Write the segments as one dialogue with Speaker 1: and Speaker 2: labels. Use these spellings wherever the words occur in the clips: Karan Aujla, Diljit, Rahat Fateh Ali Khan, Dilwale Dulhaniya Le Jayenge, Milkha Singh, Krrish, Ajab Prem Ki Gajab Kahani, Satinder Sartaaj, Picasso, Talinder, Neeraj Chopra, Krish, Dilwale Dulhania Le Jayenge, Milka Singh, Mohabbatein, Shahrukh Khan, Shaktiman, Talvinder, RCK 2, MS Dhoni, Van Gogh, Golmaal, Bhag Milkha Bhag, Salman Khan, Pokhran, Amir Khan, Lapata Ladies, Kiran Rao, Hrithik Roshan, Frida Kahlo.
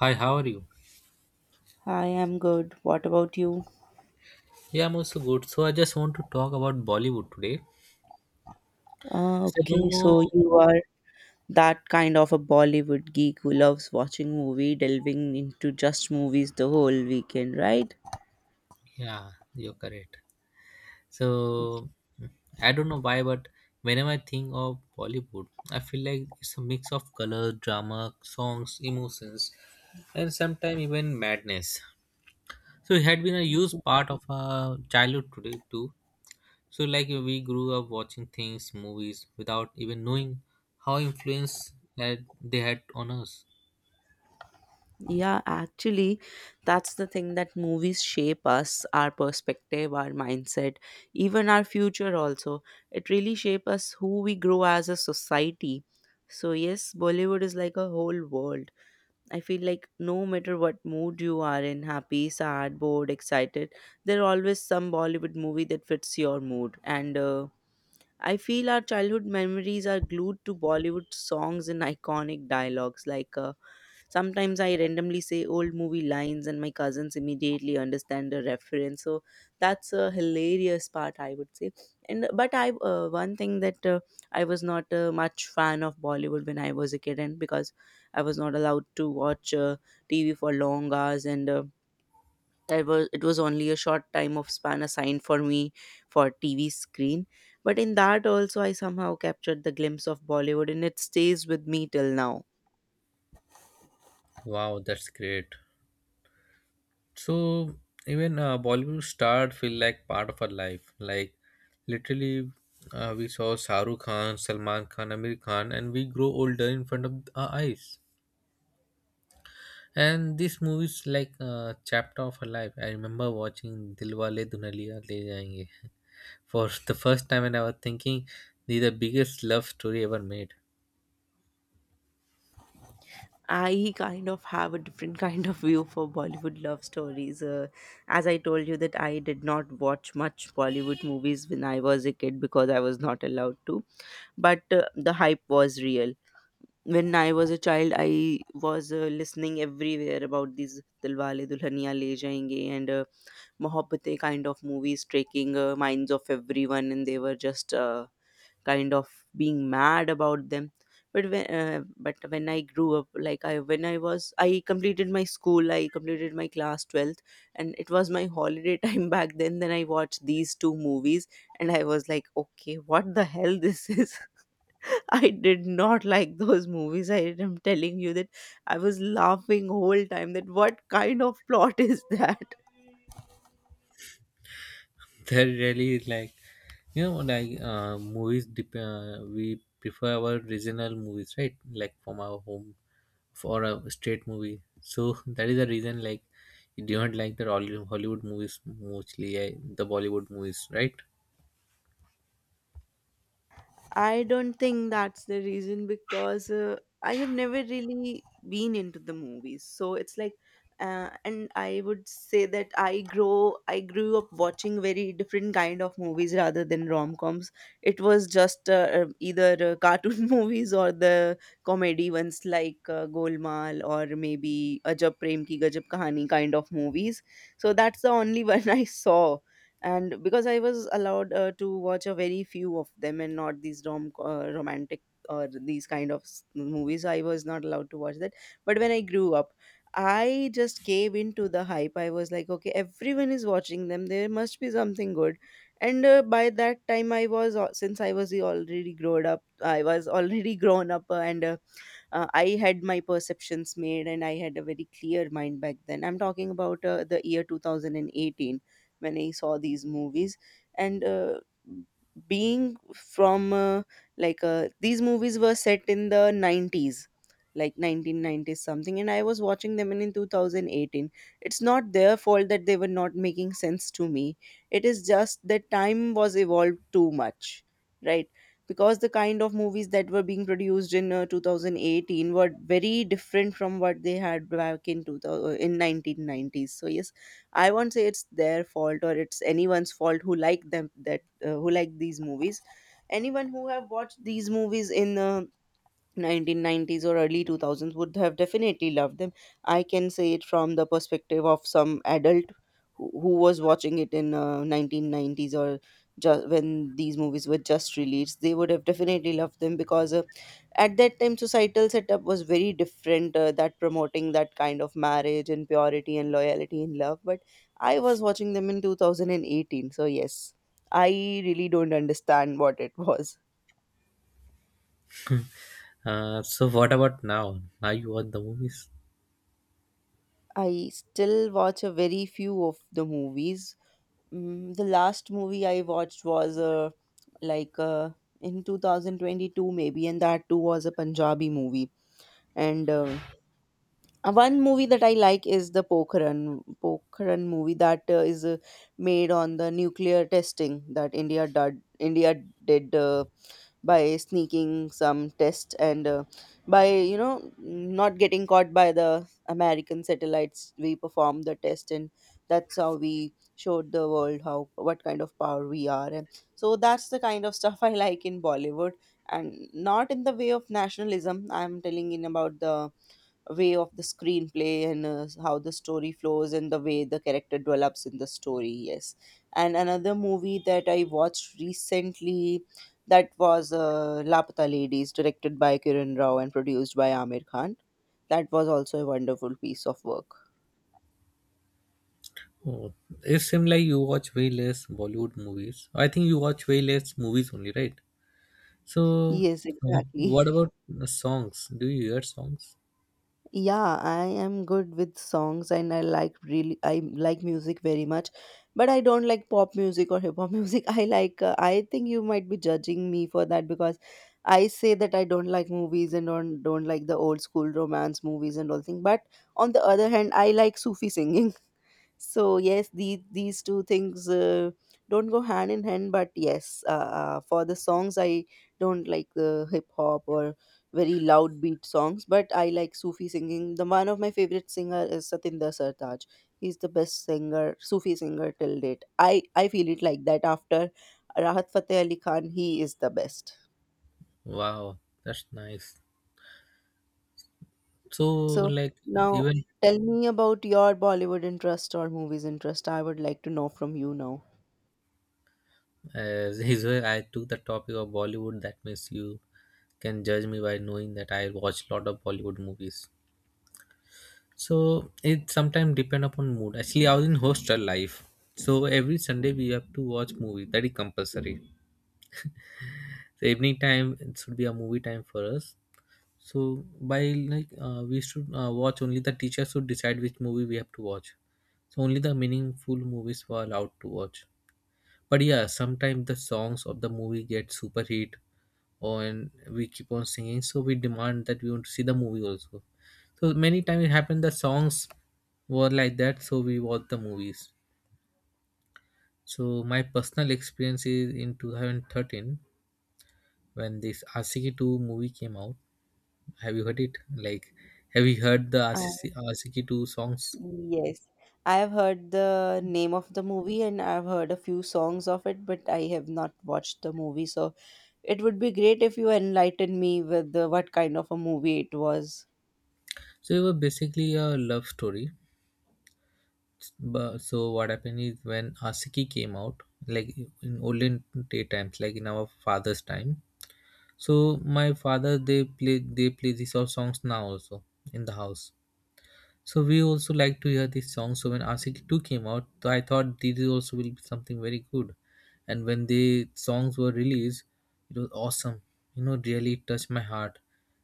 Speaker 1: Hi, how are you?
Speaker 2: Hi, I'm good. What about you?
Speaker 1: Yeah, I'm also good. So I just want to talk about Bollywood today.
Speaker 2: Ah,
Speaker 1: So I
Speaker 2: okay.
Speaker 1: don't
Speaker 2: So
Speaker 1: know.
Speaker 2: you are that kind of a Bollywood geek who loves watching movie, delving into just movies the whole weekend, right?
Speaker 1: Yeah, you're correct. So I don't know why, but whenever I think of Bollywood, I feel like it's a mix of color, drama, songs, emotions, and sometimes even madness. So it had been a huge part of our childhood today too. So like we grew up watching things, movies, without even knowing how influence had they had on us.
Speaker 2: Yeah, actually, that's the thing that movies shape us, our perspective, our mindset, even our future also. It really shapes us who we grow as a society. So yes, Bollywood is like a whole world. I feel like no matter what mood you are in, happy, sad, bored, excited, there are always some Bollywood movie that fits your mood. And I feel our childhood memories are glued to Bollywood songs and iconic dialogues. Sometimes I randomly say old movie lines and my cousins immediately understand the reference. So that's a hilarious part, I would say. And but I one thing that I was not much fan of Bollywood when I was a kid, and because I was not allowed to watch TV for long hours, and I was it was only a short time of span assigned for me for TV screen. But in that also, I somehow captured the glimpse of Bollywood, and it stays with me till now.
Speaker 1: Wow, that's great. So even Bollywood star feel like part of our life. Like literally, we saw Shahrukh Khan, Salman Khan, Amir Khan, and we grow older in front of our eyes. And this movie is like a chapter of her life. I remember watching Dilwale Dulhaniya Le Jayenge for the first time, and I was thinking this is the biggest love story ever made.
Speaker 2: I kind of have a different kind of view for Bollywood love stories. As I told you that I did not watch much Bollywood movies when I was a kid because I was not allowed to. But the hype was real. When I was a child, I was listening everywhere about these Dilwale Dulhania Le Jayenge and Mohabbatein kind of movies taking minds of everyone, and they were just kind of being mad about them, but when I grew up, like I when I was I completed my school, I completed my class 12th, and it was my holiday time back then. Then I watched these two movies and I was like, okay, what the hell this is. I did not like those movies. I am telling you that I was laughing whole time that what kind of plot is that.
Speaker 1: That really is like, you know, like we prefer our regional movies, right, like from our home for a straight movie. So that is the reason like you do not like the Hollywood movies mostly, the Bollywood movies, right?
Speaker 2: I don't think that's the reason because I have never really been into the movies. So it's like, and I would say that I grew up watching very different kind of movies rather than rom coms. It was just either cartoon movies or the comedy ones like Golmaal or maybe Ajab Prem Ki Gajab Kahani kind of movies. So that's the only one I saw. And because I was allowed to watch a very few of them and not these romantic or these kind of movies. I was not allowed to watch that. But when I grew up, I just came into the hype. I was like, okay, everyone is watching them, there must be something good. And by that time since I was already grown up, I was already grown up and I had my perceptions made and I had a very clear mind back then. I'm talking about the year 2018, when I saw these movies. And being from like these movies were set in the 90s, like 1990s something, and I was watching them in 2018. It's not their fault that they were not making sense to me. It is just that time was evolved too much, right? Because the kind of movies that were being produced in 2018 were very different from what they had back in 2000, in 1990s. So yes, I won't say it's their fault or it's anyone's fault who like them, that who like these movies. Anyone who have watched these movies in 1990s or early 2000s would have definitely loved them. I can say it from the perspective of some adult who was watching it in 1990s or just when these movies were just released. They would have definitely loved them because at that time societal setup was very different, that promoting that kind of marriage and purity and loyalty and love. But I was watching them in 2018. So yes, I really don't understand what it was.
Speaker 1: So what about now? Now you watch the movies?
Speaker 2: I still watch a very few of the movies. Mm, the last movie I watched was like uh, in 2022 maybe, and that too was a Punjabi movie. And one movie that I like is the Pokhran movie that is made on the nuclear testing that India did, by sneaking some test, and by, you know, not getting caught by the American satellites, we performed the test. And that's how we showed the world how what kind of power we are. And so that's the kind of stuff I like in Bollywood, and not in the way of nationalism. I'm telling in about the way of the screenplay and how the story flows and the way the character develops in the story. Yes, and another movie that I watched recently, that was Lapata Ladies, directed by Kiran Rao and produced by Amir Khan. That was also a wonderful piece of work.
Speaker 1: Oh, it seems like you watch way less Bollywood movies. I think you watch way less movies only, right? So
Speaker 2: Yes,
Speaker 1: oh, what
Speaker 2: exactly.
Speaker 1: about the songs? Do you hear songs?
Speaker 2: Yeah, I am good with songs, and I like really I like music very much, but I don't like pop music or hip hop music. I like, I think you might be judging me for that, because I say that I don't like movies and don't like the old school romance movies and all thing. But on the other hand, I like Sufi singing. So yes, these two things don't go hand in hand. But yes, for the songs I don't like the hip hop or very loud beat songs, but I like Sufi singing. The one of my favorite singer is Satinder Sartaaj. He's the best singer, Sufi singer till date. I feel it like that after Rahat Fateh Ali Khan, he is the best.
Speaker 1: Wow, that's nice. So
Speaker 2: So
Speaker 1: like
Speaker 2: now
Speaker 1: even
Speaker 2: tell me about your Bollywood interest or movies interest. I would like to know from you now.
Speaker 1: As his way, I took the topic of Bollywood. That means you can judge me by knowing that I watch lot of Bollywood movies. So it sometimes depend upon mood. Actually, I was in hostel life, so every Sunday we have to watch movie. That is compulsory. So evening time it should be a movie time for us. So by, like, we should watch, only the teacher should decide which movie we have to watch. So only the meaningful movies were allowed to watch. But yeah, sometimes the songs of the movie get super hit, oh, and we keep on singing, so we demand that we want to see the movie also. So many times it happened the songs were like that, so we watched the movies. So my personal experience is in 2013, when this rck 2 movie came out. Have you heard it? Like, have you heard the RCC, rck 2 songs?
Speaker 2: Yes, I have heard the name of the movie and I've heard a few songs of it, but I have not watched the movie. So it would be great if you enlighten me with what kind of a movie it was.
Speaker 1: So it was basically a love story. But so what happened is when rck came out, like in olden day times, like in our father's time. So my father, they play these all songs now also in the house. So we also like to hear these songs. So when RCT two came out, so I thought these also will be something very good. And when the songs were released, it was awesome. You know, really touched my heart.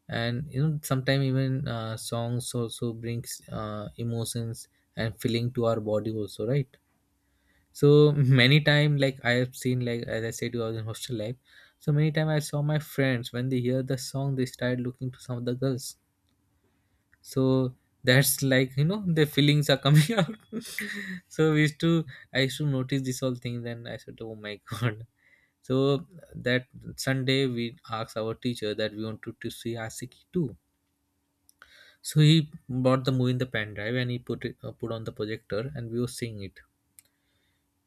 Speaker 1: And you know, sometimes even songs also brings emotions and feeling to our body also, right? So many time, like, I have seen, like, as I said, I was in hostel life. So many time I saw my friends, when they hear the song, they start looking to some of the girls. So that's like, you know, the feelings are coming out. So we used to i used to notice this all things, and I said, oh my god. So that Sunday we asked our teacher that we wanted to see Asiki too. So he bought the movie in the pen drive, and he put on the projector, and we were seeing it.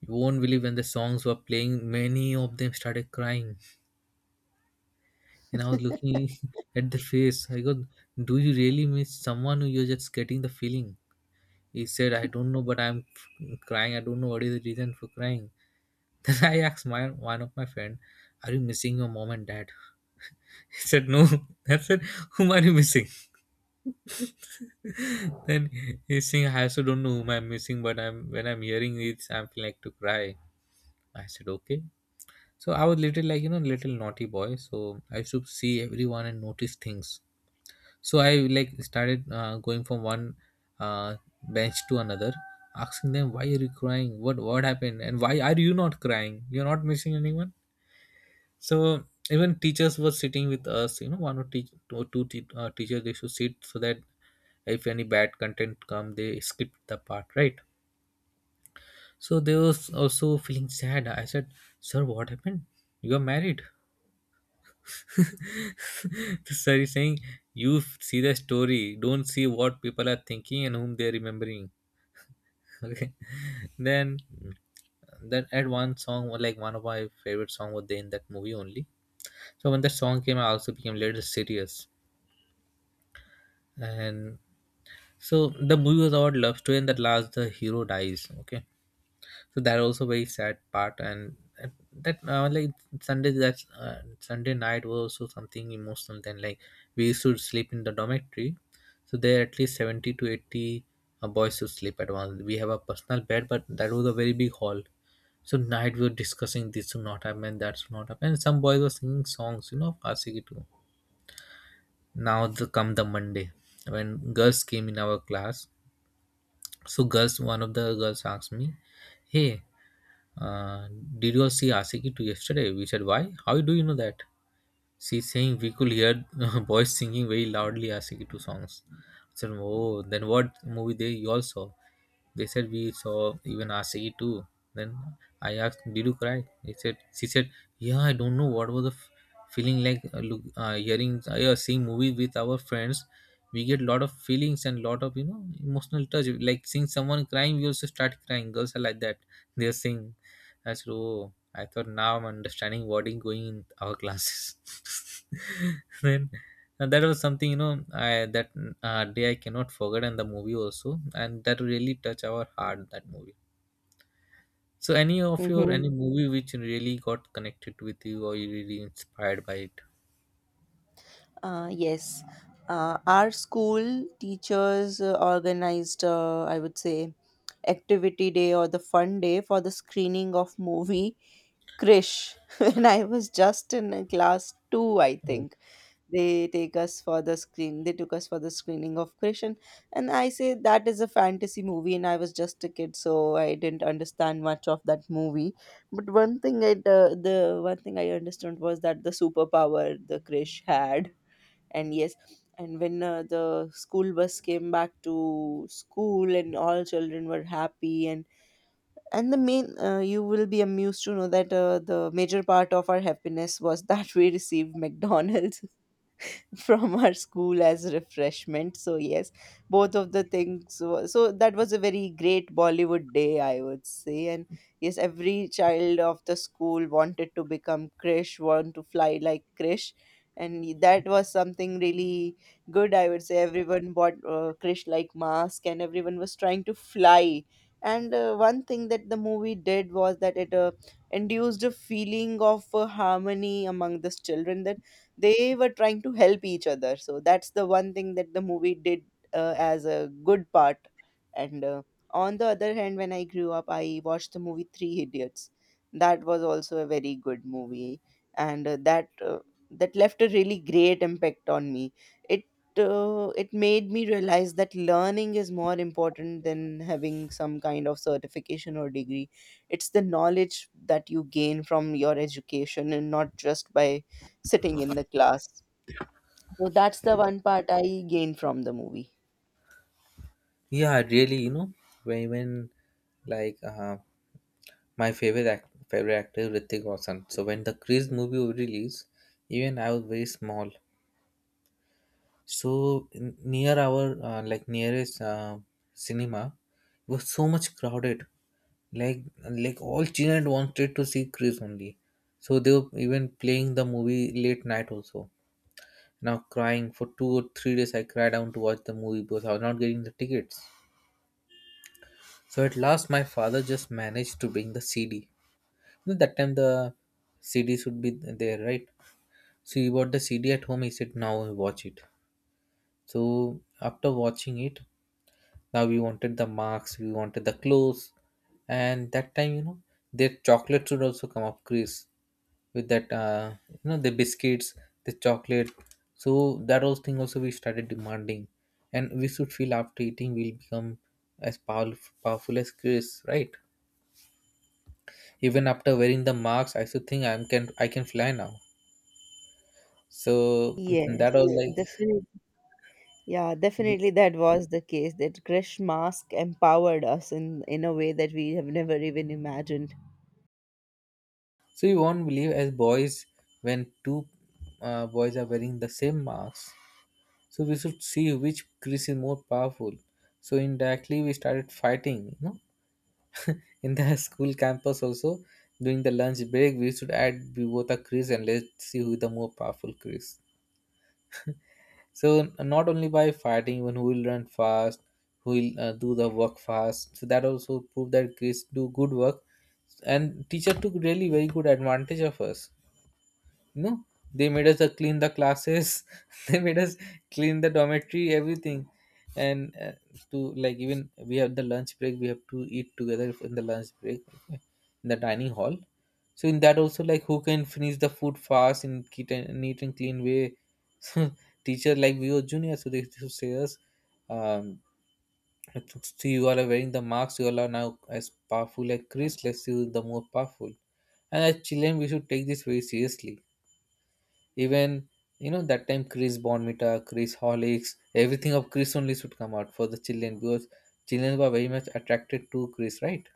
Speaker 1: You won't believe, when the songs were playing, many of them started crying. And I was looking at the face. I go, do you really miss someone, who you're just getting the feeling? He said, I don't know, but I'm crying. I don't know what is the reason for crying. Then I asked my one of my friend, are you missing your mom and dad? He said, no. I said, whom are you missing? Then he's saying, I also don't know whom I'm missing, but I'm when I'm hearing it, I'm feeling like to cry. I said, okay. So I was little, like, you know, little naughty boy. So I used to see everyone and notice things. So I like started going from one uh, bench to another, asking them, why are you crying? What happened? And why are you not crying? You're not missing anyone. So even teachers were sitting with us. You know, one or two teachers they should sit, so that if any bad content come, they skip the part, right? So they was also feeling sad. I said, sir, what happened? You are married. Sir is saying, you see the story, don't see what people are thinking and whom they're remembering. Okay. Then that at one song was, like, one of my favorite song was there in that movie only. So when that song came, I also became little serious. And so the movie was about love story, and that last the hero dies. Okay, so that also very sad part. And that, like, Sunday night was also something emotional. Then, like, we used to sleep in the dormitory. So there at least 70 to 80 boys to sleep at once. We have a personal bed, but that was a very big hall. So night we were discussing this should not happen, that should not happen, and some boys were singing songs, you know, of RCK too. Now the Monday, when girls came in our class, so girls one of the girls asked me, hey, uh, did you see Asiki 2 yesterday? We said, why? How do you know that? She saying, we could hear boys singing very loudly Asiki 2 songs. I said, oh. Then what movie they you all saw? They said, we saw even Asiki 2. Then I asked, did you cry? She said, yeah, I don't know what was the feeling like. Look, yeah, seeing movie with our friends, we get lot of feelings and lot of, you know, emotional touch. Like seeing someone crying, we also start crying. Girls are like that. They are saying, I said, oh. I thought now I'm understanding what is going in our classes. Then, and that was something, you know, I that day I cannot forget, and the movie also. And that really touched our heart, that movie. So any of your
Speaker 2: Mm-hmm.
Speaker 1: any movie which really got connected with you, or you really inspired by it?
Speaker 2: Yes, our school teachers organized, I would say, activity day or the fun day for the screening of movie Krish, and I was just in class two, I
Speaker 1: Oh,
Speaker 2: think. They took us for the screening of Krishan. And I say that is a fantasy movie and I was just a kid, so I didn't understand much of that movie. But one thing I the one thing I understood was that the superpower the Krish had. And yes, and when the school bus came back to school and all children were happy, and the main, you will be amused to know that the major part of our happiness was that we received McDonald's from our school as refreshment. So yes, both of the things. So that was a very great Bollywood day, I would say. And yes, every child of the school wanted to become Krish, want to fly like Krish, and that was something really good. I would say everyone bought Krish like mask, and everyone was trying to fly. And one thing that the movie did was that it induced a feeling of harmony among the children, that they were trying to help each other. So that's the one thing that the movie did as a good part. And on the other hand, when I grew up, I watched the movie Three Idiots. That was also a very good movie. And that left a really great impact on me. It uh, it made me realize that learning is more important than having some kind of certification or degree. It's the knowledge that you gain from your education and not just by sitting in the class. So that's the one part I gained from the movie.
Speaker 1: yeah, really. You know, when like my favorite favorite actor Hrithik Roshan. So when the Crease movie was released, even I was very small. So near our like nearest cinema was so much crowded, like all children wanted to see Chris only. So they were even playing the movie late night also. Now crying for 2 or 3 days, I cried down to watch the movie because I was not getting the tickets. So at last, my father just managed to bring the CD. At that time, the CD should be there, right? So he bought the CD at home. He said, "Now watch it." So after watching it, now we wanted the marks, we wanted the clothes. And that time, you know, their chocolates would also come up Chris with that, you know, the biscuits, the chocolate. So that was thing also we started demanding. And we should feel after eating we'll become as powerful, powerful as Chris, right? Even after wearing the marks, I should think I can fly now. So
Speaker 2: Yes,
Speaker 1: that was like.
Speaker 2: definitely. Yeah, definitely that was the case that Krish Mask empowered us in a way that we have never even imagined.
Speaker 1: So you won't believe, as boys, when two boys are wearing the same mask, so we should see which crease is more powerful. So indirectly we started fighting. In the school campus also, during the lunch break, we should add we both a crease and let's see who the more powerful crease. So not only by fighting, even who will run fast, who will do the work fast. So that also proved that crease do good work, and teacher took really very good advantage of us. No, they made us clean the classes. They made us clean the dormitory, everything, and to, like, even we have the lunch break. We have to eat together in the lunch break, okay, in the dining hall. So in that also like who can finish the food fast in neat and clean way. So teacher, like we were junior, so they used to say us, um, see you all are wearing the marks. You all are now as powerful like Chris. Let's see who's the more powerful. And as children, we should take this very seriously, even you know that time Chris Bonmita, Chris Hollicks, everything of Chris only should come out for the children because children were very much attracted to Chris, right?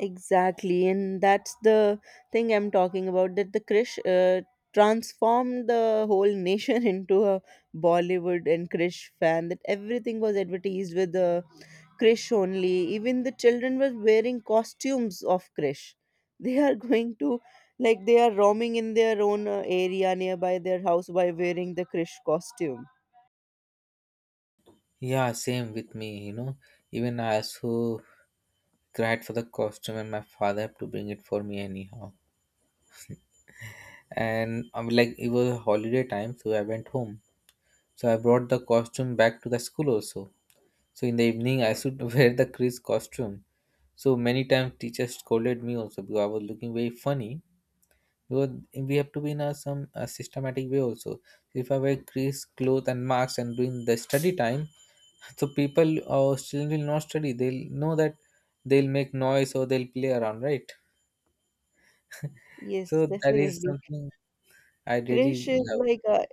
Speaker 2: Exactly, and that's the thing I'm talking about, that the Krish transformed the whole nation into a Bollywood and Krish fan, that everything was advertised with the Krish only. Even the children were wearing costumes of Krish. They are going to, like, they are roaming in their own area nearby their house by wearing the Krish costume.
Speaker 1: Yeah, same with me. You know, even I also cried for the costume, and my father had to bring it for me anyhow. And I'm like, it was a holiday time, so I went home. So I brought the costume back to the school also. So in the evening, I should wear the Chris costume. So many times teachers scolded me also, because I was looking very funny. Because we have to be in a some systematic way also. If I wear crease cloth and marks and doing the study time, so people or students will not study, they'll know that they'll make noise or they'll play around, right? So
Speaker 2: Yes,
Speaker 1: that is
Speaker 2: definitely.
Speaker 1: something I really
Speaker 2: Krish is
Speaker 1: love.
Speaker 2: like a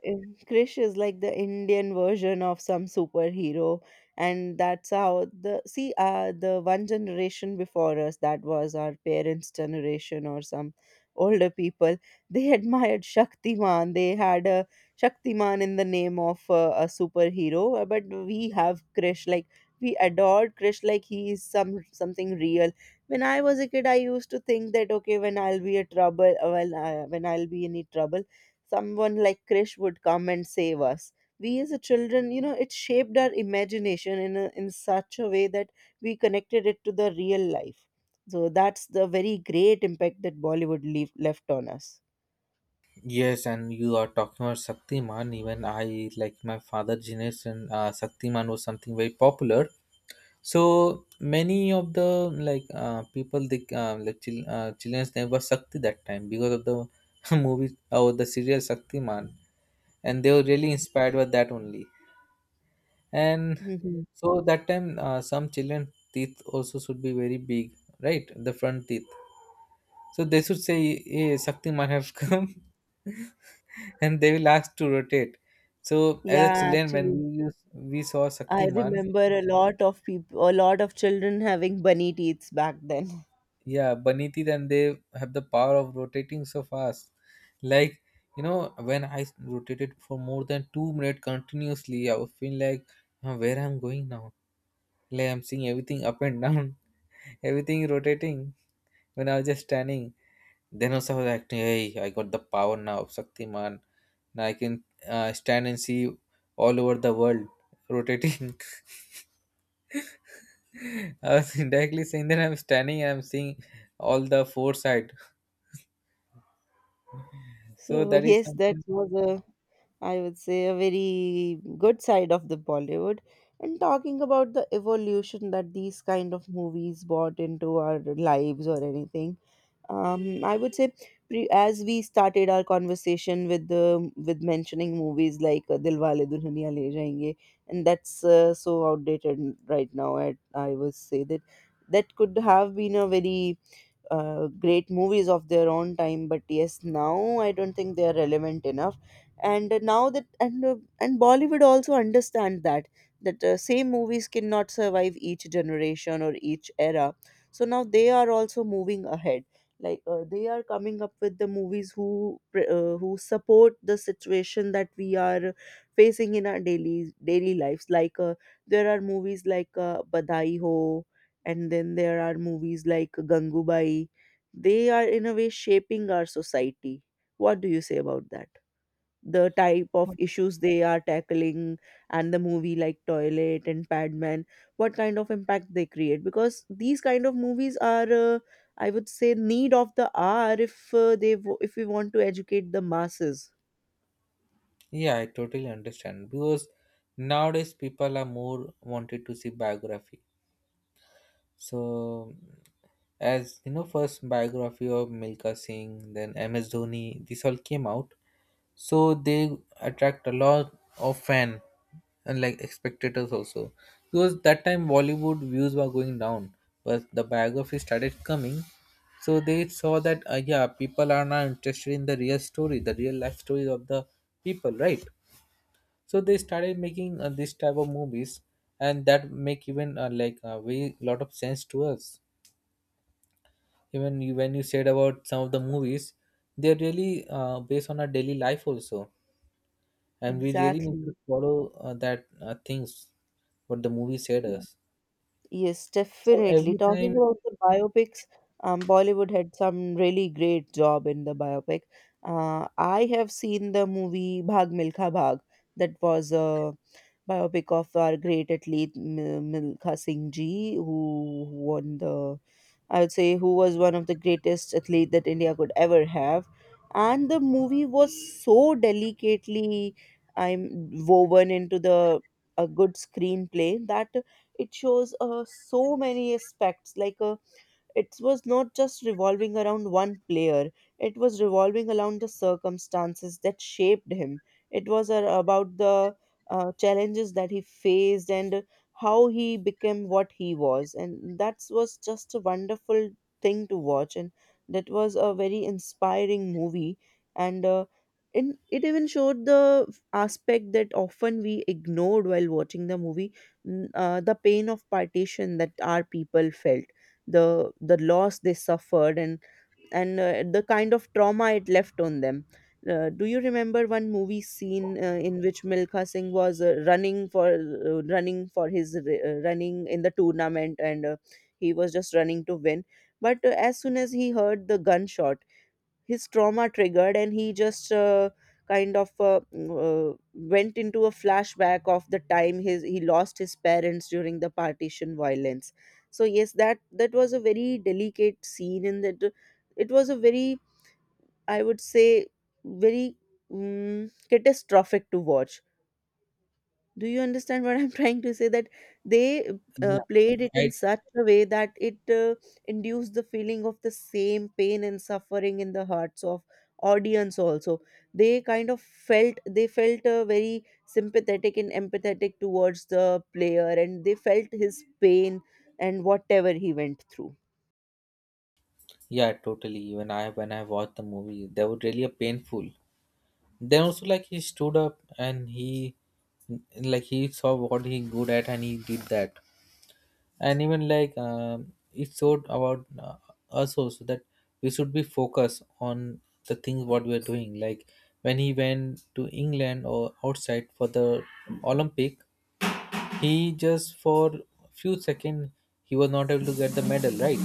Speaker 2: Krish is like the Indian version of some superhero, and that's how the one generation before us, that was our parents' generation or some older people they admired Shaktiman. They had a Shaktiman in the name of a superhero, but we have Krish like we adored Krish like he is some something real. When I was a kid, I used to think that okay, when I'll be any trouble, someone like Krish would come and save us. We as a children, you know, it shaped our imagination in a, in such a way that we connected it to the real life. So that's the very great impact that Bollywood left on us.
Speaker 1: Yes, and you are talking about Shaktiman, even I, like my father generation, Shaktiman was something very popular. So many of the like people, the like children's name was Sakti that time because of the movie or the serial Sakti, and they were really inspired by that only. And
Speaker 2: Hmm.
Speaker 1: so that time, some children teeth also should be very big, right? The front teeth. So they should say, "Hey, Sakti has come," and they will ask to rotate. So as a
Speaker 2: Yeah,
Speaker 1: children, when
Speaker 2: actually,
Speaker 1: we used, we saw
Speaker 2: I
Speaker 1: Sakti,
Speaker 2: remember a lot of people, a lot of children having bunny teeth back then.
Speaker 1: yeah, baniti, then they have the power of rotating so fast. Like, you know, when rotated for more than 2 minutes continuously, I would feel like, "Huh, where I'm going now? Like, I'm seeing everything up and down, everything rotating, when I was just standing." Then also I was acting, hey, I got the power now of Shaktiman. Now I can stand and see all over the world rotating. I was indirectly saying that I'm standing and I'm seeing all the four side. So
Speaker 2: So
Speaker 1: that is
Speaker 2: yes, that
Speaker 1: something.
Speaker 2: was a, I would say, a very good side of the Bollywood. And talking about the evolution that these kind of movies brought into our lives or anything, I would say, as we started our conversation with the with mentioning movies like Dilwale Dulhaniya Le Jayenge, and that's so outdated right now. I would say that that could have been a very great movies of their own time, but yes, now I don't think they are relevant enough. And now that and Bollywood also understand that that same movies cannot survive each generation or each era. So now they are also moving ahead, like they are coming up with the movies who who support the situation that we are facing in our daily lives, like there are movies like Badai Ho, and then there are movies like Gangubai. They are in a way shaping our society. What do you say about that, the type of issues they are tackling, and the movie like Toilet and Padman, what kind of impact they create, because these kind of movies are I would say need of the hour if if we want to educate the masses.
Speaker 1: Yeah, I totally understand, because nowadays people are more wanted to see biography. So, as you know, first biography of Milka Singh, then MS Dhoni, this all came out. So they attract a lot of fan and like spectators also, because that time Bollywood views were going down, but the biography started coming. So they saw that, yeah, people are now interested in the real story, the real life stories of the people, right? So they started making this type of movies, and that make even like a way lot of sense to us. Even you, when you said about some of the movies, they're really based on our daily life also, and we really need
Speaker 2: Exactly.
Speaker 1: to follow that things what the movie said us.
Speaker 2: Yes,
Speaker 1: So
Speaker 2: definitely.
Speaker 1: every
Speaker 2: Talking
Speaker 1: time,
Speaker 2: about the biopics, Bollywood had some really great job in the biopic. I have seen the movie Bhag Milkha Bhag. That was a biopic of our great athlete Milkha Singh ji, who won the, I would say, who was one of the greatest athlete that India could ever have. And the movie was so delicately, I'm woven into the a good screenplay, that it shows so many aspects, like a it was not just revolving around one player, it was revolving around the circumstances that shaped him. It was about the challenges that he faced and how he became what he was. And that was just a wonderful thing to watch. And that was a very inspiring movie. And in, it even showed the aspect that often we ignored while watching the movie, the pain of partition that our people felt, the loss they suffered, and the kind of trauma it left on them. Do you remember one movie scene in which Milkha Singh was running for running for his running in the tournament, and he was just running to win, but as soon as he heard the gunshot, his trauma triggered, and he just kind of went into a flashback of the time his he lost his parents during the partition violence. So yes, that was a very delicate scene, and that it was a very, I would say, very mm, catastrophic to watch. Do you understand what I'm trying to say? That they
Speaker 1: yeah,
Speaker 2: played it
Speaker 1: I,
Speaker 2: in such a way that it induced the feeling of the same pain and suffering in the hearts of audience also. They kind of felt, they felt very sympathetic and empathetic towards the player, and they felt his pain and whatever he went through.
Speaker 1: yeah, totally, even I, when I watched the movie, that was really a painful. Then also like he stood up, and he, like he saw what he good at, and he did that. And even like, it's so about us also, that we should be focused on the things what we are doing. Like when he went to England or outside for the Olympic, he just for few seconds he was not able to get the medal, right?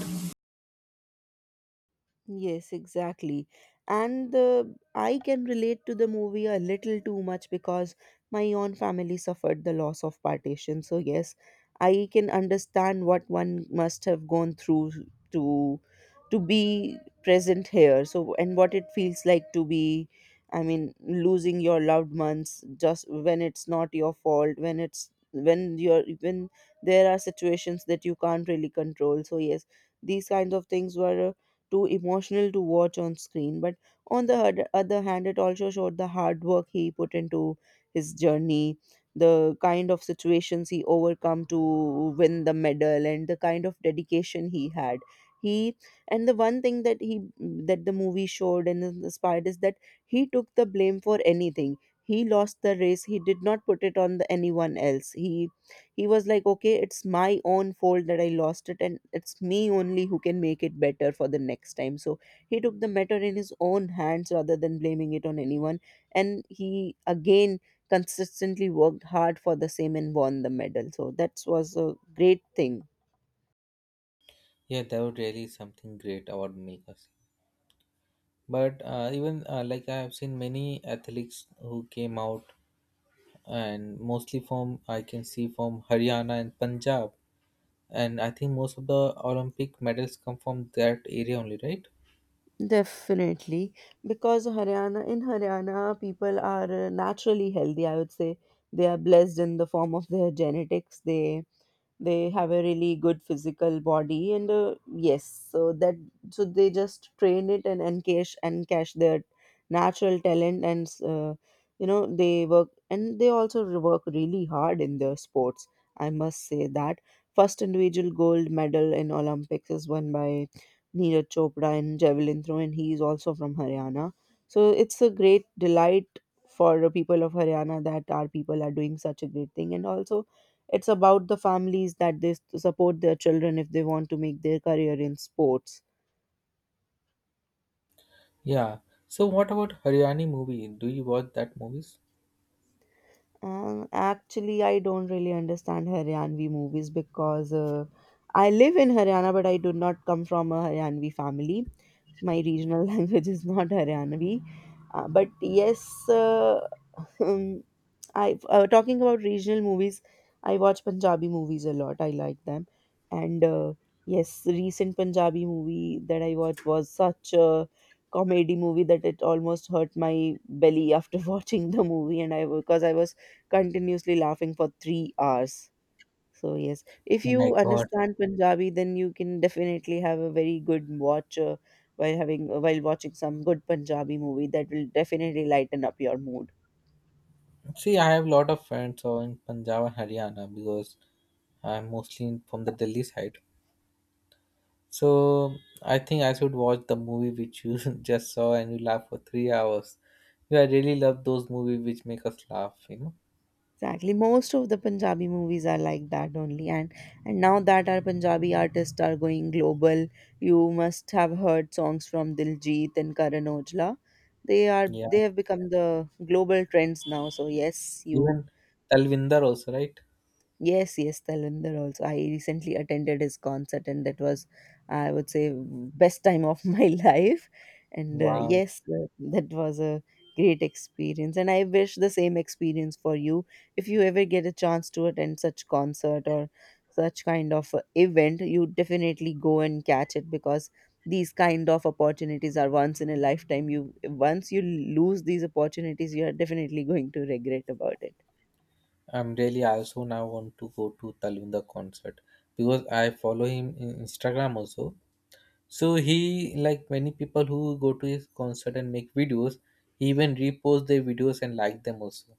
Speaker 2: Yes, exactly. And the I can relate to the movie a little too much because my own family suffered the loss of partition. So yes, I can understand what one must have gone through to to be present here. So and what it feels like to be, I mean, losing your loved ones just when it's not your fault, when it's when you're when there are situations that you can't really control. So yes, these kinds of things were too emotional to watch on screen. But on the other hand, it also showed the hard work he put into his journey, the kind of situations he overcome to win the medal, and the kind of dedication he had. He and the one thing that he that the movie showed and inspired is that he took the blame for anything. He lost the race. He did not put it on the, anyone else. He was like, okay, it's my own fault that I lost it, and it's me only who can make it better for the next time. So he took the matter in his own hands rather than blaming it on anyone. And he again consistently worked hard for the same and won the medal. So that was a great thing.
Speaker 1: Yeah, that was really something great about makers. But even like I have seen many athletes who came out, and mostly from I can see from Haryana and Punjab. And I think most of the Olympic medals come from that area only, right?
Speaker 2: Definitely, because Haryana in Haryana, people are naturally healthy. I would say they are blessed in the form of their genetics. They have a really good physical body and yes, so that so they just train it and encash their natural talent, and you know, they work and they also work really hard in their sports. I must say that first individual gold medal in Olympics is won by Neeraj Chopra in javelin throw, and he is also from Haryana. So it's a great delight for the people of Haryana that our people are doing such a great thing, and also it's about the families that support their children if they want to make their career in sports.
Speaker 1: Yeah. So what about Haryani movie? Do you watch that movies?
Speaker 2: Actually, I don't really understand Haryanvi movies because I live in Haryana, but I do not come from a Haryanvi family. My regional language is not Haryanvi. But yes, Um, I talking about regional movies. I watch Punjabi movies a lot. I like them, and yes, the recent Punjabi movie that I watched was such a comedy movie that it almost hurt my belly after watching the movie, and I because I was continuously laughing for 3 hours. So yes, if
Speaker 1: Oh my
Speaker 2: you
Speaker 1: God.
Speaker 2: understand Punjabi, then you can definitely have a very good watch while watching some good Punjabi movie that will definitely lighten up your mood.
Speaker 1: See, I have a lot of friends who are in Punjab and Haryana, because I'm mostly from the Delhi side. So I think I should watch the movie which you just saw and you laugh for 3 hours. Yeah, I really love those movies which make us laugh, you know.
Speaker 2: Exactly. Most of the Punjabi movies are like that only. And now that our Punjabi artists are going global, you must have heard songs from Diljit and Karan Aujla. They are
Speaker 1: Yeah,
Speaker 2: they have become the global trends now. So yes, you
Speaker 1: even Talvinder also, right?
Speaker 2: yes, yes, Talinder also. I recently attended his concert, and that was, I would say, best time of my life. And
Speaker 1: Wow.
Speaker 2: yes, that was a great experience, and I wish the same experience for you. If you ever get a chance to attend such concert or such kind of event, you definitely go and catch it, because these kind of opportunities are once in a lifetime. You once you lose these opportunities, you are definitely going to regret about it.
Speaker 1: I'm really, I also now want to go to Talvinda concert, because I follow him in Instagram also. So he like many people who go to his concert and make videos, he even repost their videos and like them also.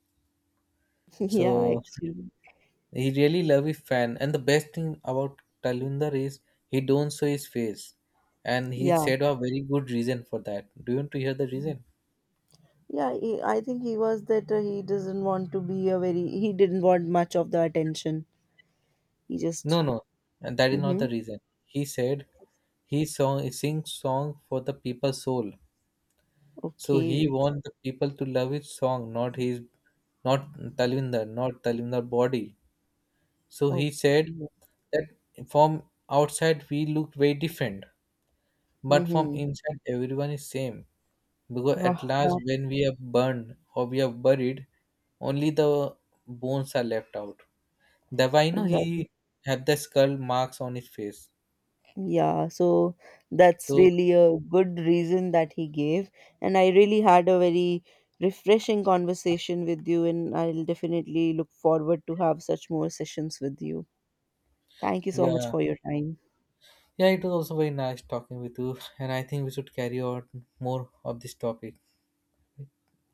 Speaker 2: Yeah,
Speaker 1: So
Speaker 2: actually,
Speaker 1: he really love his fan, and the best thing about Talvinder is he don't show his face, and he
Speaker 2: yeah.
Speaker 1: said a very good reason for that. Do you want to hear the reason?
Speaker 2: Yeah, he, I think he was that he doesn't want to be a very, he didn't want much of the attention. He
Speaker 1: No,
Speaker 2: just,
Speaker 1: no, and that is not
Speaker 2: mm-hmm,
Speaker 1: the reason. He said he song, he sings song for the people's soul. So he
Speaker 2: okay,
Speaker 1: wants the people to love his song, not his, not Talvindar, not Talvindar body. So he said
Speaker 2: okay,
Speaker 1: that from outside we look very different, but from
Speaker 2: mm-hmm.
Speaker 1: inside everyone is same. Because at
Speaker 2: Ah,
Speaker 1: last,
Speaker 2: that
Speaker 1: when we are burned or we are buried, only the bones are left out. That why you know
Speaker 2: exactly.
Speaker 1: he had the skull marks on his face.
Speaker 2: Yeah, so that's
Speaker 1: So
Speaker 2: really a good reason that he gave. And I really had a very refreshing conversation with you, and I'll definitely look forward to have such more sessions with you. Thank you so much
Speaker 1: yeah,
Speaker 2: for your time.
Speaker 1: yeah, it was also very nice talking with you, and I think we should carry on more of this topic.